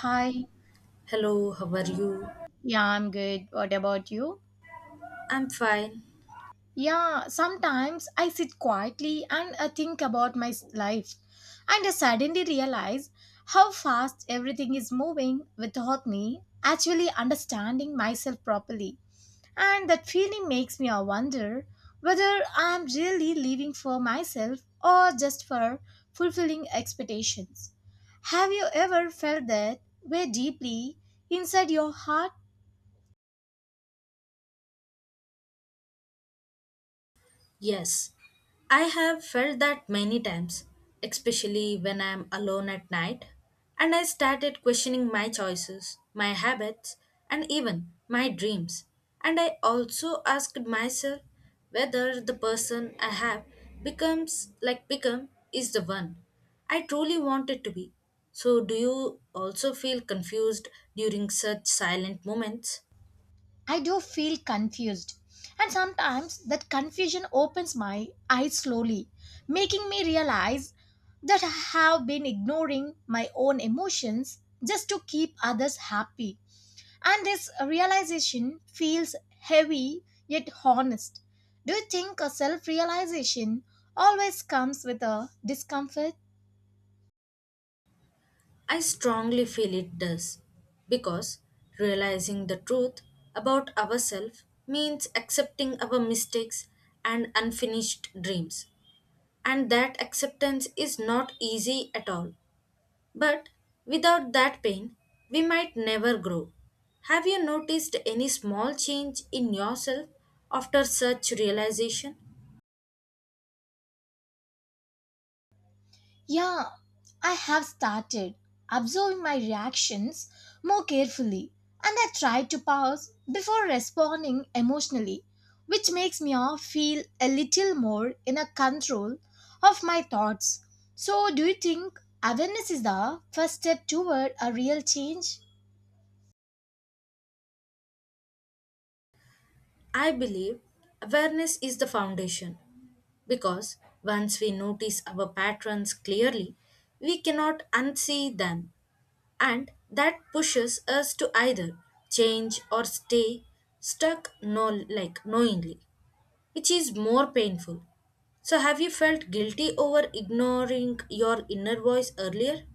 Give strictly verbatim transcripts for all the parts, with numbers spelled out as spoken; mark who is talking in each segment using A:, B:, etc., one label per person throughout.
A: Hi,
B: Hello, how are you?
A: yeah, I'm good. What about you?
B: I'm fine.
A: Yeah, sometimes I sit quietly and I think about my s- life, and I suddenly realize how fast everything is moving without me actually understanding myself properly. And that feeling makes me a wonder whether I'm really living for myself or just for fulfilling expectations. Have you ever felt that way deeply inside your heart?
B: Yes, I have felt that many times, especially when I'm alone at night, and I started questioning my choices, my habits, and even my dreams. And I also asked myself whether the person I have becomes like become is the one I truly wanted to be. So, do you also feel confused during such silent moments?
A: I do feel confused. And sometimes that confusion opens my eyes slowly, making me realize that I have been ignoring my own emotions just to keep others happy. And this realization feels heavy yet honest. Do you think a self realization always comes with a discomfort?
B: I strongly feel it does because realizing the truth about ourselves means accepting our mistakes and unfinished dreams. And that acceptance is not easy at all. But without that pain, we might never grow. Have you noticed any small change in yourself after such realization?
A: Yeah, I have started observing my reactions more carefully and I try to pause before responding emotionally, which makes me all feel a little more in a control of my thoughts. So, do you think awareness is the first step toward a real change?
B: I believe awareness is the foundation because once we notice our patterns clearly, we cannot unsee them, and that pushes us to either change or stay stuck no like knowingly, which is more painful. So have you felt guilty over ignoring your inner voice earlier?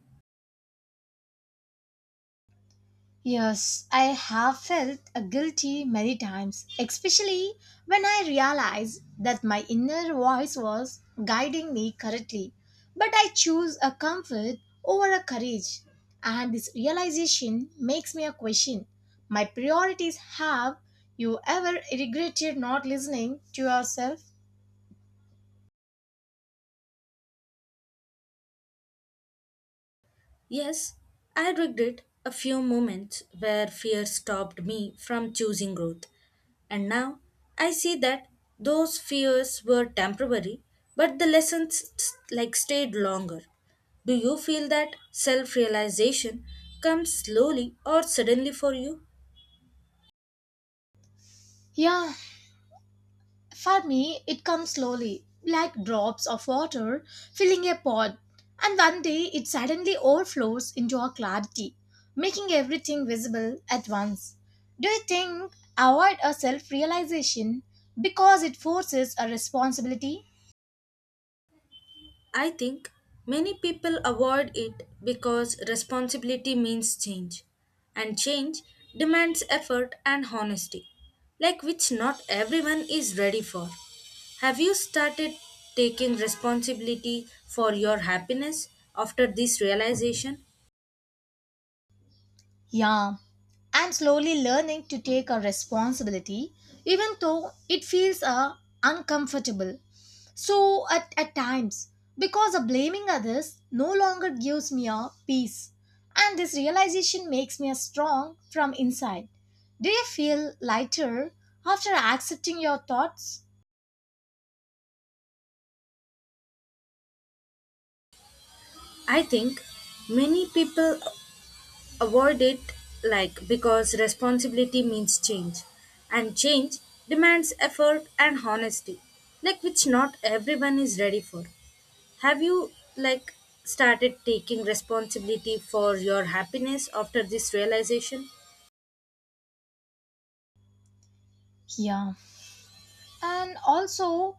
A: Yes, I have felt uh, guilty many times, especially when I realized that my inner voice was guiding me correctly. But I choose a comfort over a courage, and this realization makes me a question. My priorities have you ever regretted not listening to yourself?
B: Yes, I regret a few moments where fear stopped me from choosing growth. And now I see that those fears were temporary, but the lessons st- like stayed longer. Do you feel that self realization comes slowly or suddenly for you?
A: Yeah, for me, it comes slowly, like drops of water filling a pot, and one day it suddenly overflows into a clarity, making everything visible at once. Do you think avoid a self realization because it forces a responsibility?
B: I think many people avoid it because responsibility means change, and change demands effort and honesty, like which not everyone is ready for. Have you started taking responsibility for your happiness after this realization?
A: Yeah, I'm slowly learning to take a responsibility, even though it feels uh, uncomfortable. So at, at times, because of blaming others no longer gives me a peace. And this realization makes me a strong from inside. Do you feel lighter after accepting your thoughts?
B: I think many people avoid it like because responsibility means change and change demands effort and honesty like which not everyone is ready for. Have you like started taking responsibility for your happiness after this realization?
A: Yeah. And also,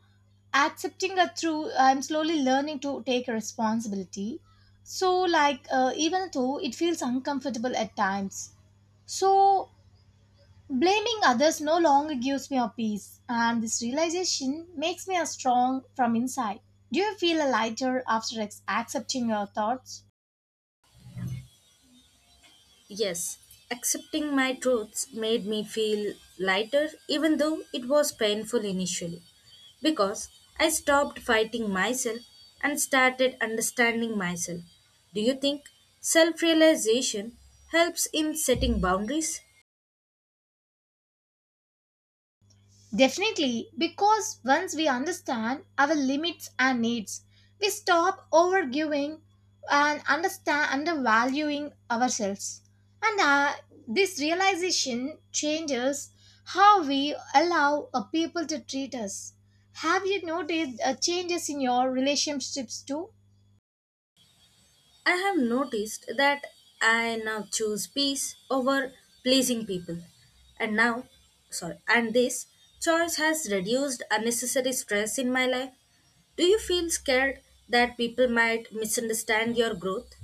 A: accepting that through I'm slowly learning to take responsibility, so like uh, even though it feels uncomfortable at times, so blaming others no longer gives me a peace, and this realization makes me a strong from inside. Do you feel a lighter after ex- accepting your thoughts?
B: Yes, accepting my truths made me feel lighter, even though it was painful initially, because I stopped fighting myself and started understanding myself. Do you think self realization helps in setting boundaries?
A: Definitely, because once we understand our limits and needs, we stop overgiving and understand undervaluing ourselves. And uh, this realization changes how we allow uh, people to treat us. Have you noticed uh, changes in your relationships too?
B: I have noticed that I now choose peace over pleasing people. And now, sorry, and this choice has reduced unnecessary stress in my life. Do you feel scared that people might misunderstand your growth?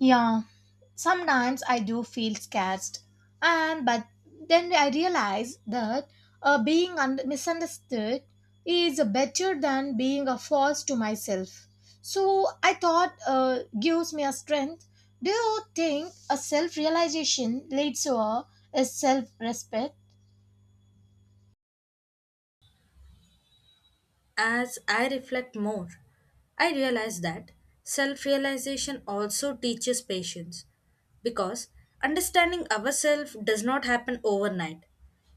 A: Yeah, sometimes I do feel scared, and but then I realize that uh, being un- misunderstood is better than being a false to myself. So I thought uh, gives me a strength. Do you think a self realization leads to a, a self respect?
B: As I reflect more, I realize that self realization also teaches patience because understanding ourselves does not happen overnight,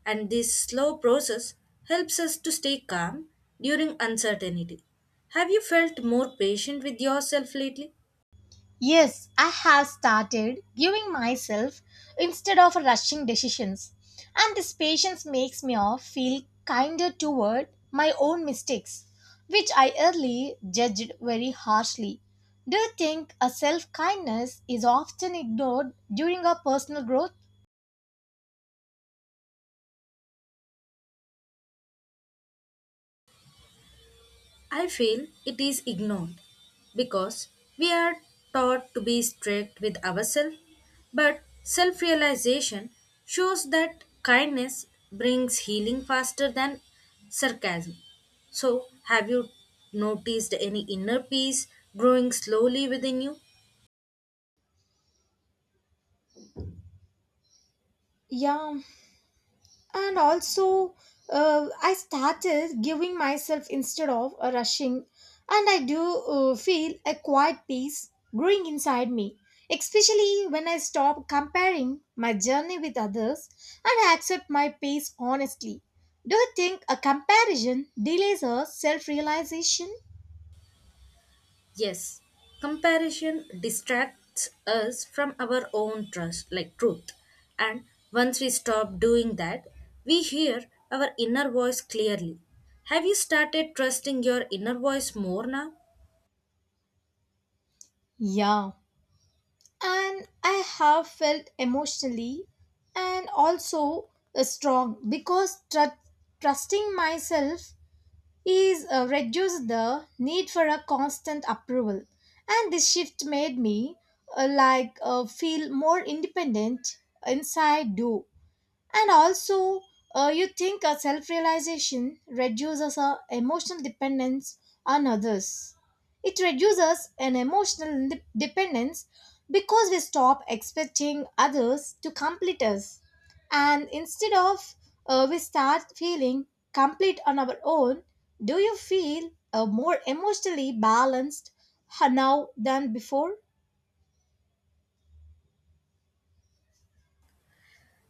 B: and this slow process helps us to stay calm during uncertainty. Have you felt more patient with yourself lately?
A: Yes, I have started giving myself instead of rushing decisions, and this patience makes me off feel kinder toward my own mistakes, which I early judged very harshly. Do you think a self kindness is often ignored during our personal growth?
B: I feel it is ignored because we are taught to be strict with ourselves, but self realization shows that kindness brings healing faster than sarcasm. So, have you noticed any inner peace growing slowly within you?
A: Yeah, and also uh, I started giving myself instead of a rushing, and I do uh, feel a quiet peace growing inside me, especially when I stop comparing my journey with others and I accept my pace honestly. Do you think a comparison delays a self-realization?
B: Yes, comparison distracts us from our own trust, like truth. And once we stop doing that, we hear our inner voice clearly. Have you started trusting your inner voice more now?
A: Yeah, and I have felt emotionally and also uh, strong because tru- trusting myself is uh, reduce the need for a constant approval, and this shift made me uh, like uh, feel more independent inside do and also uh, you think a self-realization reduces our emotional dependence on others? It reduces an emotional de- dependence because we stop expecting others to complete us, and instead of uh, we start feeling complete on our own. Do you feel uh, more emotionally balanced uh, now than before?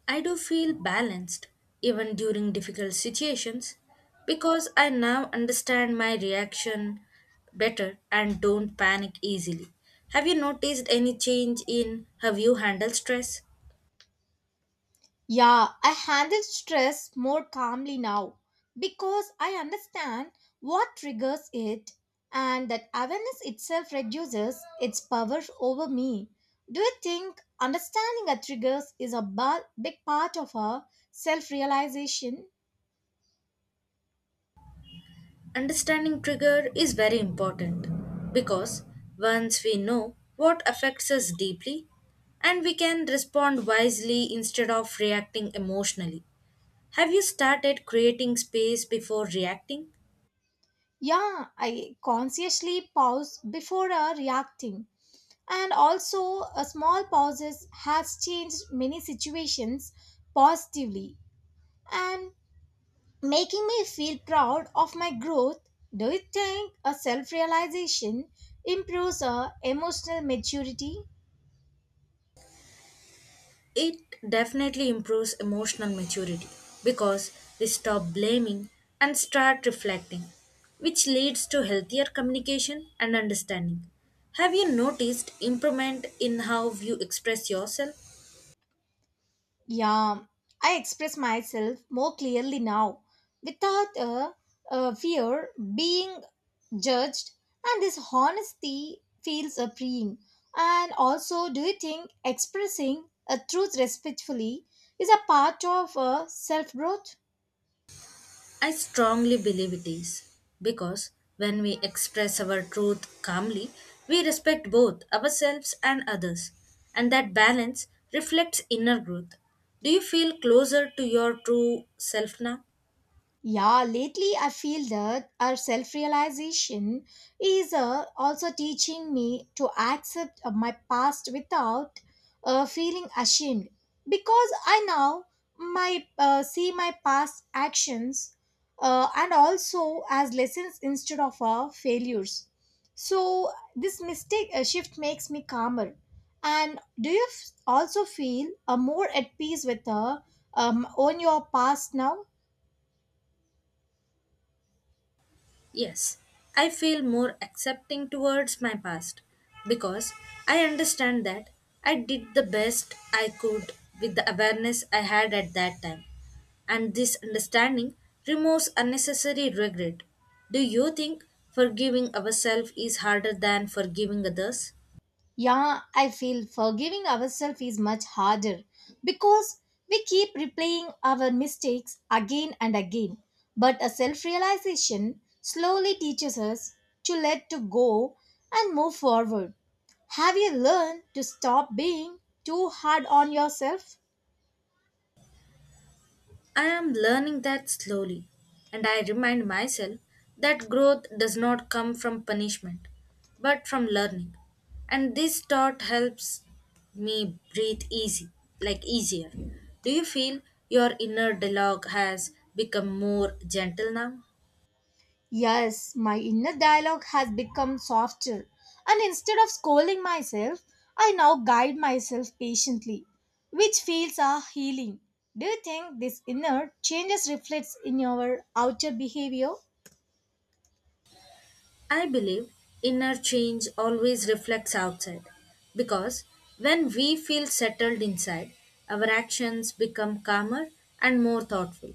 B: I do feel balanced, even during difficult situations, because I now understand my reaction better and don't panic easily. Have you noticed any change in how you handle stress?
A: Yeah, I handle stress more calmly now because I understand what triggers it and that awareness itself reduces its power over me. Do you think understanding our triggers is a ba- big part of our self realization?
B: Understanding trigger is very important because once we know what affects us deeply and we can respond wisely instead of reacting emotionally. Have you started creating space before reacting?
A: Yeah, I consciously pause before uh, reacting. And also, a small pauses has changed many situations positively. And making me feel proud of my growth. Do you think a self realization improves our emotional maturity?
B: It definitely improves emotional maturity because we stop blaming and start reflecting, which leads to healthier communication and understanding. Have you noticed improvement in how you express yourself?
A: Yeah, I express myself more clearly now without a, a fear being judged, and this honesty feels a freeing. And also, do you think expressing a truth respectfully is a part of a self growth?
B: I strongly believe it is because when we express our truth calmly, we respect both ourselves and others, and that balance reflects inner growth. Do you feel closer to your true self now?
A: Yeah, lately I feel that our self realization is uh, also teaching me to accept uh, my past without uh, feeling ashamed because I now my uh, see my past actions uh, and also as lessons instead of uh, failures. So this mistake uh, shift makes me calmer. And do you f- also feel uh, more at peace with uh, um, on your past now?
B: Yes, I feel more accepting towards my past because I understand that I did the best I could with the awareness I had at that time. And this understanding removes unnecessary regret. Do you think forgiving ourselves is harder than forgiving others?
A: Yeah, I feel forgiving ourselves is much harder because we keep replaying our mistakes again and again. But a self realization slowly teaches us to let to go and move forward. Have you learned to stop being too hard on yourself?
B: I am learning that slowly, and I remind myself that growth does not come from punishment, but from learning. And this thought helps me breathe easy, like easier. Do you feel your inner dialogue has become more gentle now?
A: Yes, my inner dialogue has become softer, and instead of scolding myself, I now guide myself patiently, which feels are healing. Do you think this inner changes reflects in your outer behavior?
B: I believe inner change always reflects outside because when we feel settled inside, our actions become calmer and more thoughtful,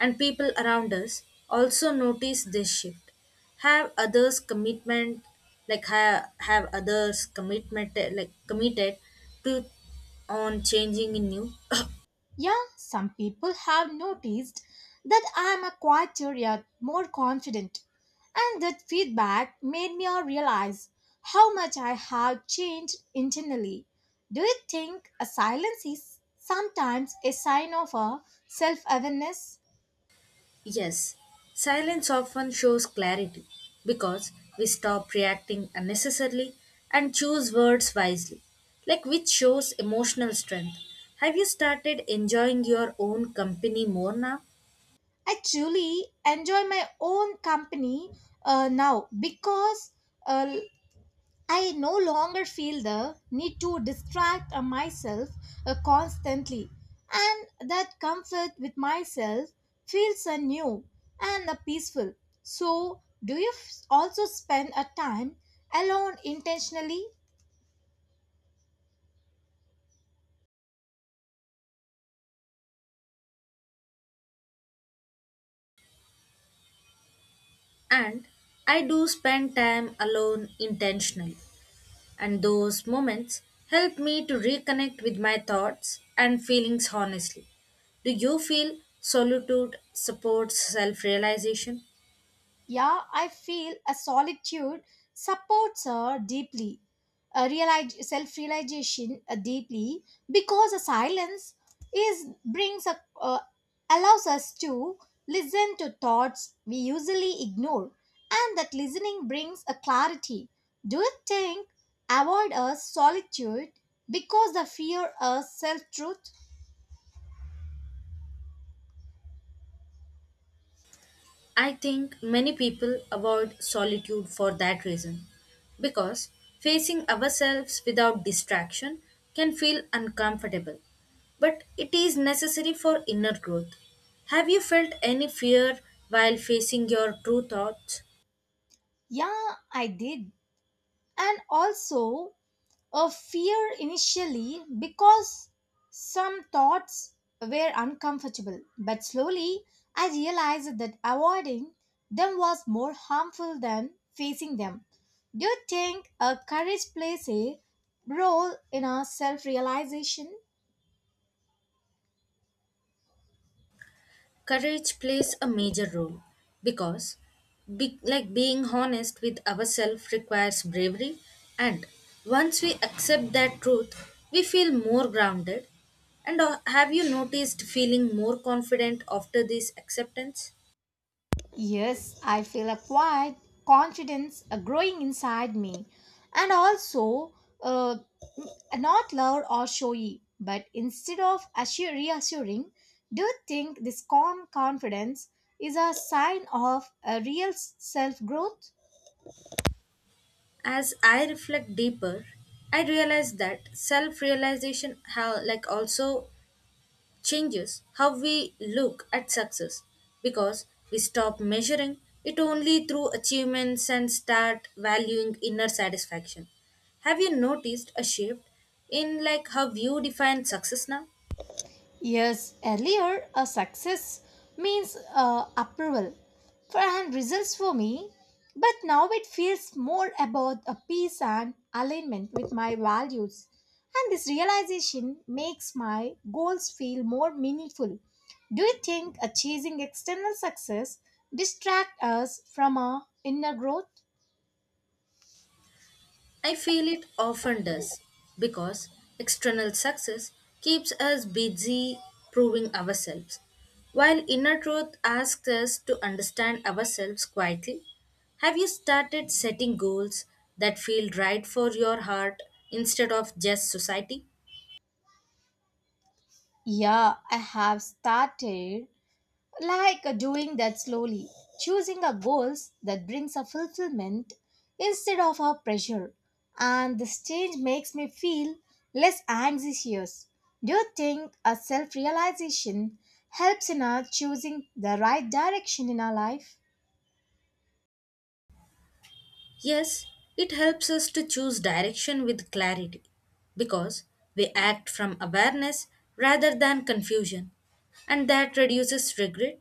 B: and people around us also notice this shift. Have others commitment like have, have others commitment like committed to on changing in you
A: Yeah, some people have noticed that I am a quieter yet more confident, and that feedback made me realize how much I have changed internally. Do you think a silence is sometimes a sign of a self awareness?
B: Yes, silence often shows clarity because we stop reacting unnecessarily and choose words wisely, like which shows emotional strength. Have you started enjoying your own company more now?
A: I truly enjoy my own company uh, now because uh, I no longer feel the need to distract uh, myself uh, constantly, and that comfort with myself feels uh, new and uh, peaceful. So, do you f- also spend a time alone intentionally?
B: And I do spend time alone intentionally, and those moments help me to reconnect with my thoughts and feelings honestly. Do you feel solitude supports self realization?
A: Yeah, I feel a solitude supports her deeply, a realize, self-realization uh, deeply, because a silence is brings a uh, allows us to listen to thoughts we usually ignore, and that listening brings a clarity. Do you think avoid a solitude because the fear of self-truth?
B: I think many people avoid solitude for that reason, because facing ourselves without distraction can feel uncomfortable, but it is necessary for inner growth. Have you felt any fear while facing your true thoughts?
A: Yeah, I did, and also of fear initially because some thoughts were uncomfortable, but slowly I realized that avoiding them was more harmful than facing them. Do you think a courage plays a role in our self realization?
B: Courage plays a major role because, be, like being honest with ourselves requires bravery, and once we accept that truth, we feel more grounded. And uh, have you noticed feeling more confident after this acceptance?
A: Yes, I feel a quiet confidence uh, growing inside me, and also uh, n- not loud or showy, but instead of assure, reassuring. Do you think this calm confidence is a sign of a real self growth?
B: As I reflect deeper, I realize that self-realization how like also changes how we look at success because we stop measuring it only through achievements and start valuing inner satisfaction. Have you noticed a shift in like how you define success now?
A: Years earlier, a success means uh, approval for and results for me, but now it feels more about a peace and alignment with my values. And this realization makes my goals feel more meaningful. Do you think a chasing external success distract us from our inner growth?
B: I feel it often does because external success keeps us busy proving ourselves, while inner truth asks us to understand ourselves quietly. Have you started setting goals that feel right for your heart instead of just society?
A: Yeah, I have started like uh, doing that slowly, choosing a goals that brings a fulfillment instead of a pressure. And this change makes me feel less anxious. Do you think a self-realization helps in our choosing the right direction in our life?
B: Yes, it helps us to choose direction with clarity because we act from awareness rather than confusion, and that reduces regret.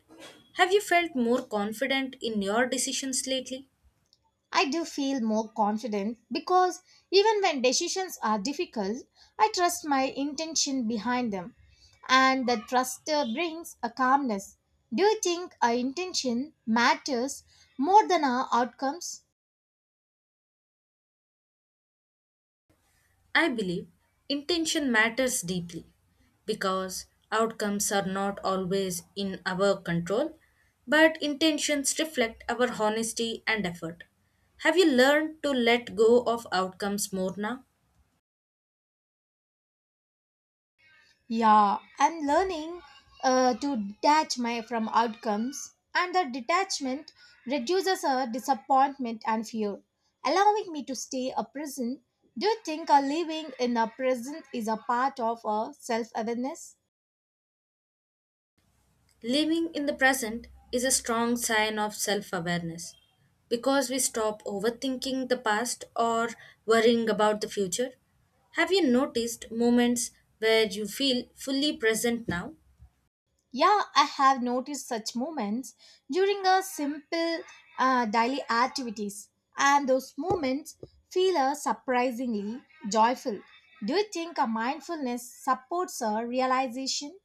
B: Have you felt more confident in your decisions lately?
A: I do feel more confident because even when decisions are difficult, I trust my intention behind them, and that trust uh, brings a calmness. Do you think our intention matters more than our outcomes?
B: I believe intention matters deeply because outcomes are not always in our control, but intentions reflect our honesty and effort. Have you learned to let go of outcomes more now?
A: Yeah, I'm learning uh, to detach my from outcomes, and the detachment reduces a disappointment and fear, allowing me to stay a present. Do you think a living in a present is a part of a self awareness?
B: Living in the present is a strong sign of self awareness because we stop overthinking the past or worrying about the future. Have you noticed moments where you feel fully present now?
A: Yeah, I have noticed such moments during a simple uh, daily activities, and those moments feel uh, surprisingly joyful. Do you think a mindfulness supports a realization?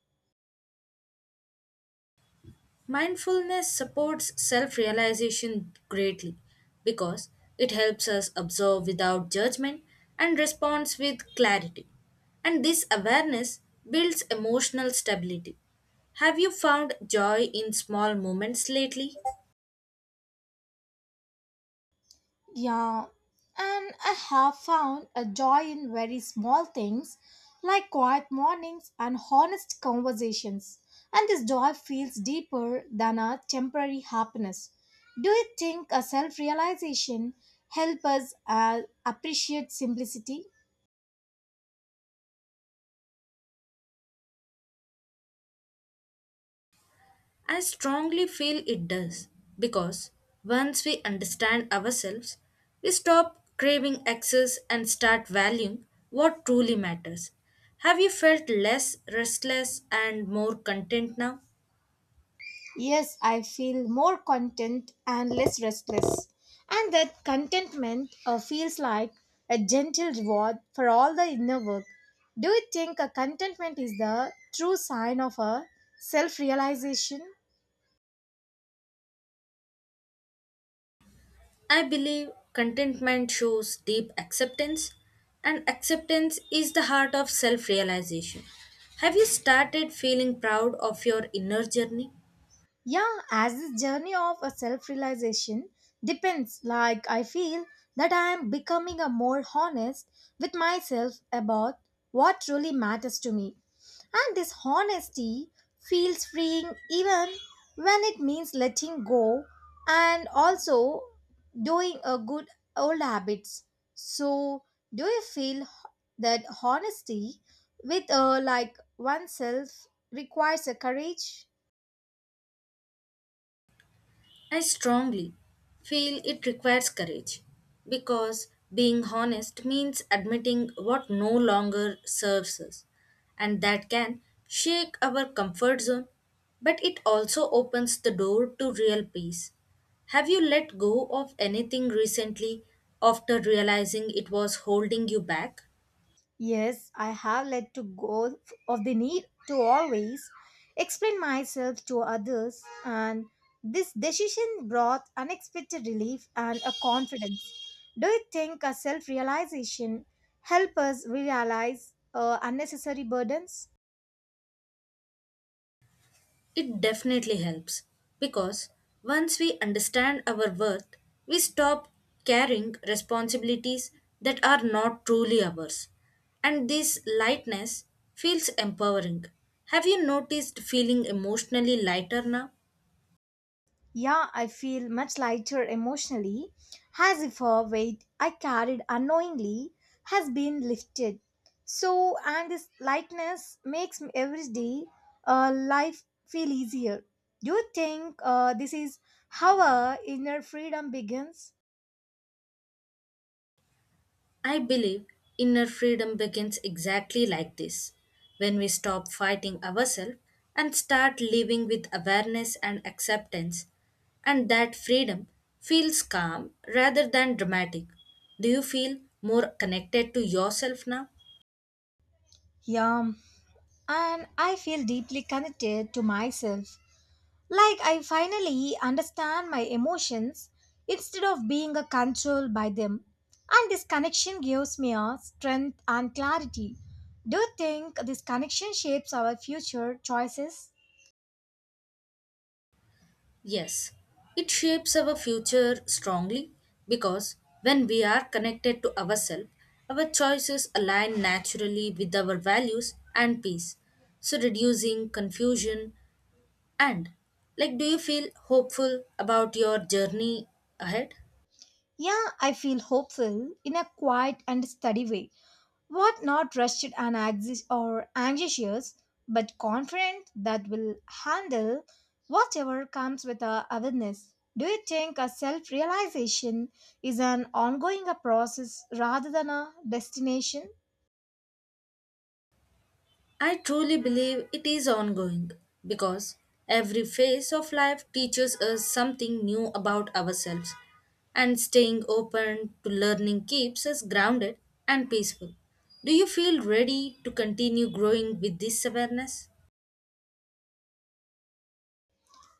B: Mindfulness supports self realization greatly because it helps us observe without judgment and responds with clarity. And this awareness builds emotional stability. Have you found joy in small moments lately?
A: Yeah, and I have found a joy in very small things like quiet mornings and honest conversations. And this joy feels deeper than a temporary happiness. Do you think a self realization help us uh, appreciate simplicity?
B: I strongly feel it does because once we understand ourselves, we stop craving excess and start valuing what truly matters. Have you felt less restless and more content now?
A: Yes, I feel more content and less restless. And that contentment uh, feels like a gentle reward for all the inner work. Do you think a contentment is the true sign of a self realization?
B: I believe contentment shows deep acceptance, and acceptance is the heart of self realization. Have you started feeling proud of your inner journey?
A: Yeah, as this journey of a self-realization depends, like I feel that I am becoming a more honest with myself about what truly matters to me. And this honesty feels freeing even when it means letting go and also doing a good old habits. So, do you feel h- that honesty with uh, like oneself requires a courage?
B: I strongly feel it requires courage because being honest means admitting what no longer serves us, and that can shake our comfort zone, but it also opens the door to real peace. Have you let go of anything recently after realizing it was holding you back?
A: Yes, I have let to go of the need to always explain myself to others, and this decision brought unexpected relief and a confidence. Do you think a self realization help us realize uh, unnecessary burdens?
B: It definitely helps because once we understand our worth, we stop carrying responsibilities that are not truly ours. And this lightness feels empowering. Have you noticed feeling emotionally lighter now?
A: Yeah, I feel much lighter emotionally, as if a weight I carried unknowingly has been lifted. So, and this lightness makes m- every day uh, life feel easier. Do you think uh, this is how our inner freedom begins?
B: I believe inner freedom begins exactly like this when we stop fighting ourselves and start living with awareness and acceptance, and that freedom feels calm rather than dramatic. Do you feel more connected to yourself now?
A: Yeah, and I feel deeply connected to myself, like I finally understand my emotions instead of being uh, controlled by them. And this connection gives me a strength and clarity. Do you think this connection shapes our future choices?
B: Yes, it shapes our future strongly because when we are connected to ourselves, our choices align naturally with our values and peace, so reducing confusion. And, like, do you feel hopeful about your journey ahead?
A: Yeah, I feel hopeful in a quiet and steady way. What not rested and anxi- or anxious, but confident that will handle whatever comes with our awareness. Do you think a self realization is an ongoing a process rather than a destination?
B: I truly believe it is ongoing because every phase of life teaches us something new about ourselves, and staying open to learning keeps us grounded and peaceful. Do you feel ready to continue growing with this awareness?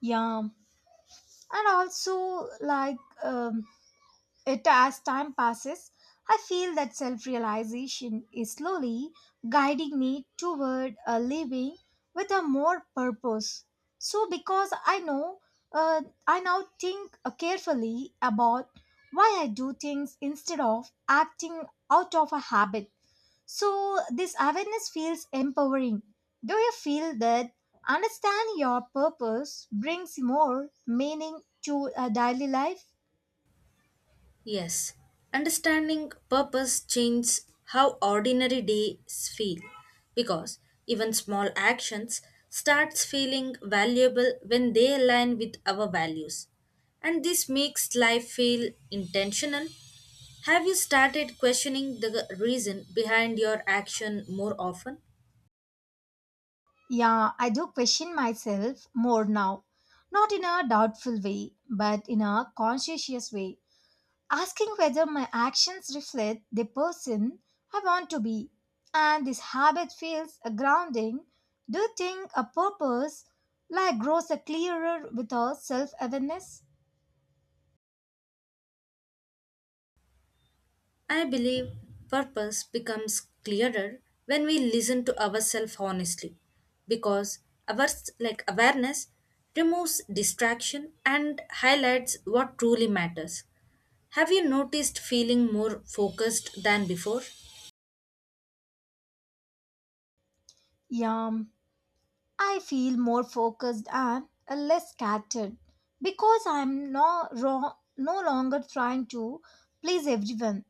A: Yeah, and also like. Um, It as time passes, I feel that self realization is slowly guiding me toward a living with a more purpose. So, because I know, uh, I now think uh, carefully about why I do things instead of acting out of a habit. So, this awareness feels empowering. Do you feel that understanding your purpose brings more meaning to a daily life?
B: Yes, understanding purpose changes how ordinary days feel because even small actions starts feeling valuable when they align with our values and this makes life feel intentional. Have you started questioning the reason behind your action more often?
A: Yeah, I do question myself more now. Not in a doubtful way, but in a conscientious way. Asking whether my actions reflect the person I want to be. And this habit feels a grounding. Do you think a purpose like grows a clearer with our self awareness?
B: I believe purpose becomes clearer when we listen to ourselves honestly because our like awareness removes distraction and highlights what truly matters. Have you noticed feeling more focused than before?
A: Yeah, I feel more focused and a less scattered because I'm no, ro- no longer trying to please everyone.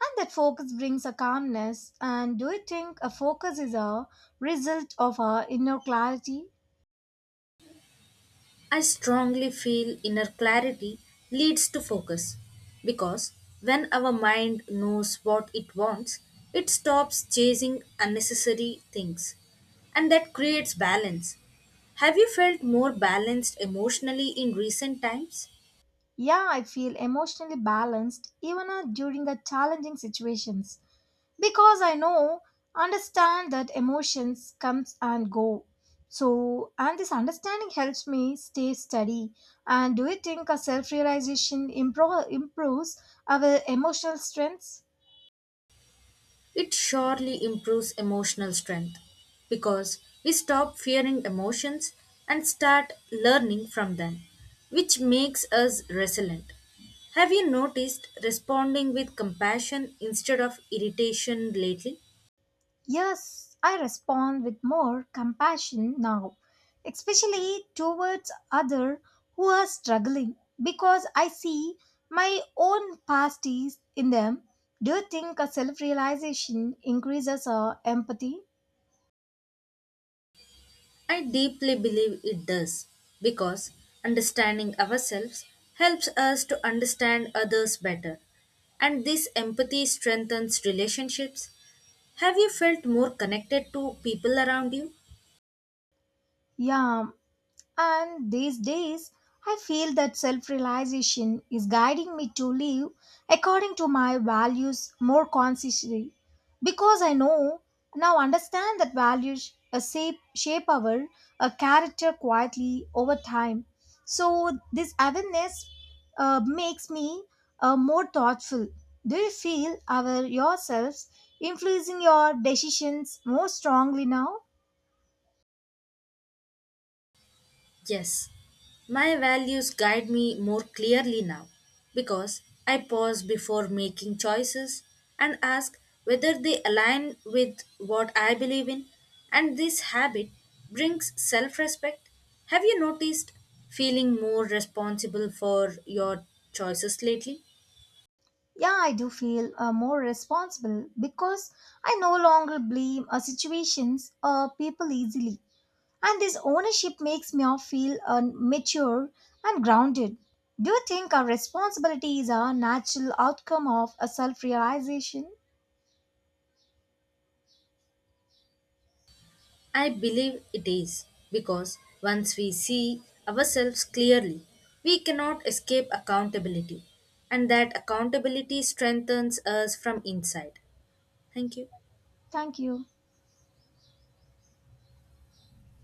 A: And that focus brings a calmness. And do you think a focus is a result of our inner clarity?
B: I strongly feel inner clarity leads to focus because when our mind knows what it wants, it stops chasing unnecessary things and that creates balance. Have you felt more balanced emotionally in recent times?
A: Yeah, I feel emotionally balanced even uh, during a challenging situations because I know, understand that emotions comes and go. So, and this understanding helps me stay steady. And do you think a self-realization impro- improves our emotional strengths?
B: It surely improves emotional strength because we stop fearing emotions and start learning from them, which makes us resilient. Have you noticed responding with compassion instead of irritation lately?
A: Yes, I respond with more compassion now, especially towards others who are struggling because I see my own past is in them. Do you think a self realization increases our empathy?
B: I deeply believe it does because understanding ourselves helps us to understand others better, and this empathy strengthens relationships. Have you felt more connected to people around you?
A: Yeah, and these days, I feel that self realization is guiding me to live according to my values more consciously because I know now understand that values uh, shape, shape our uh, character quietly over time. So, this awareness uh, makes me uh, more thoughtful. Do you feel our yourselves influencing your decisions more strongly now?
B: Yes, my values guide me more clearly now because I pause before making choices and ask whether they align with what I believe in, and this habit brings self respect. Have you noticed feeling more responsible for your choices lately?
A: Yeah, I do feel uh, more responsible because I no longer blame uh, situations or people easily. And this ownership makes me all feel uh, mature and grounded. Do you think our responsibility is a natural outcome of a self realization?
B: I believe it is because once we see ourselves clearly, we cannot escape accountability, and that accountability strengthens us from inside. Thank you.
A: Thank you.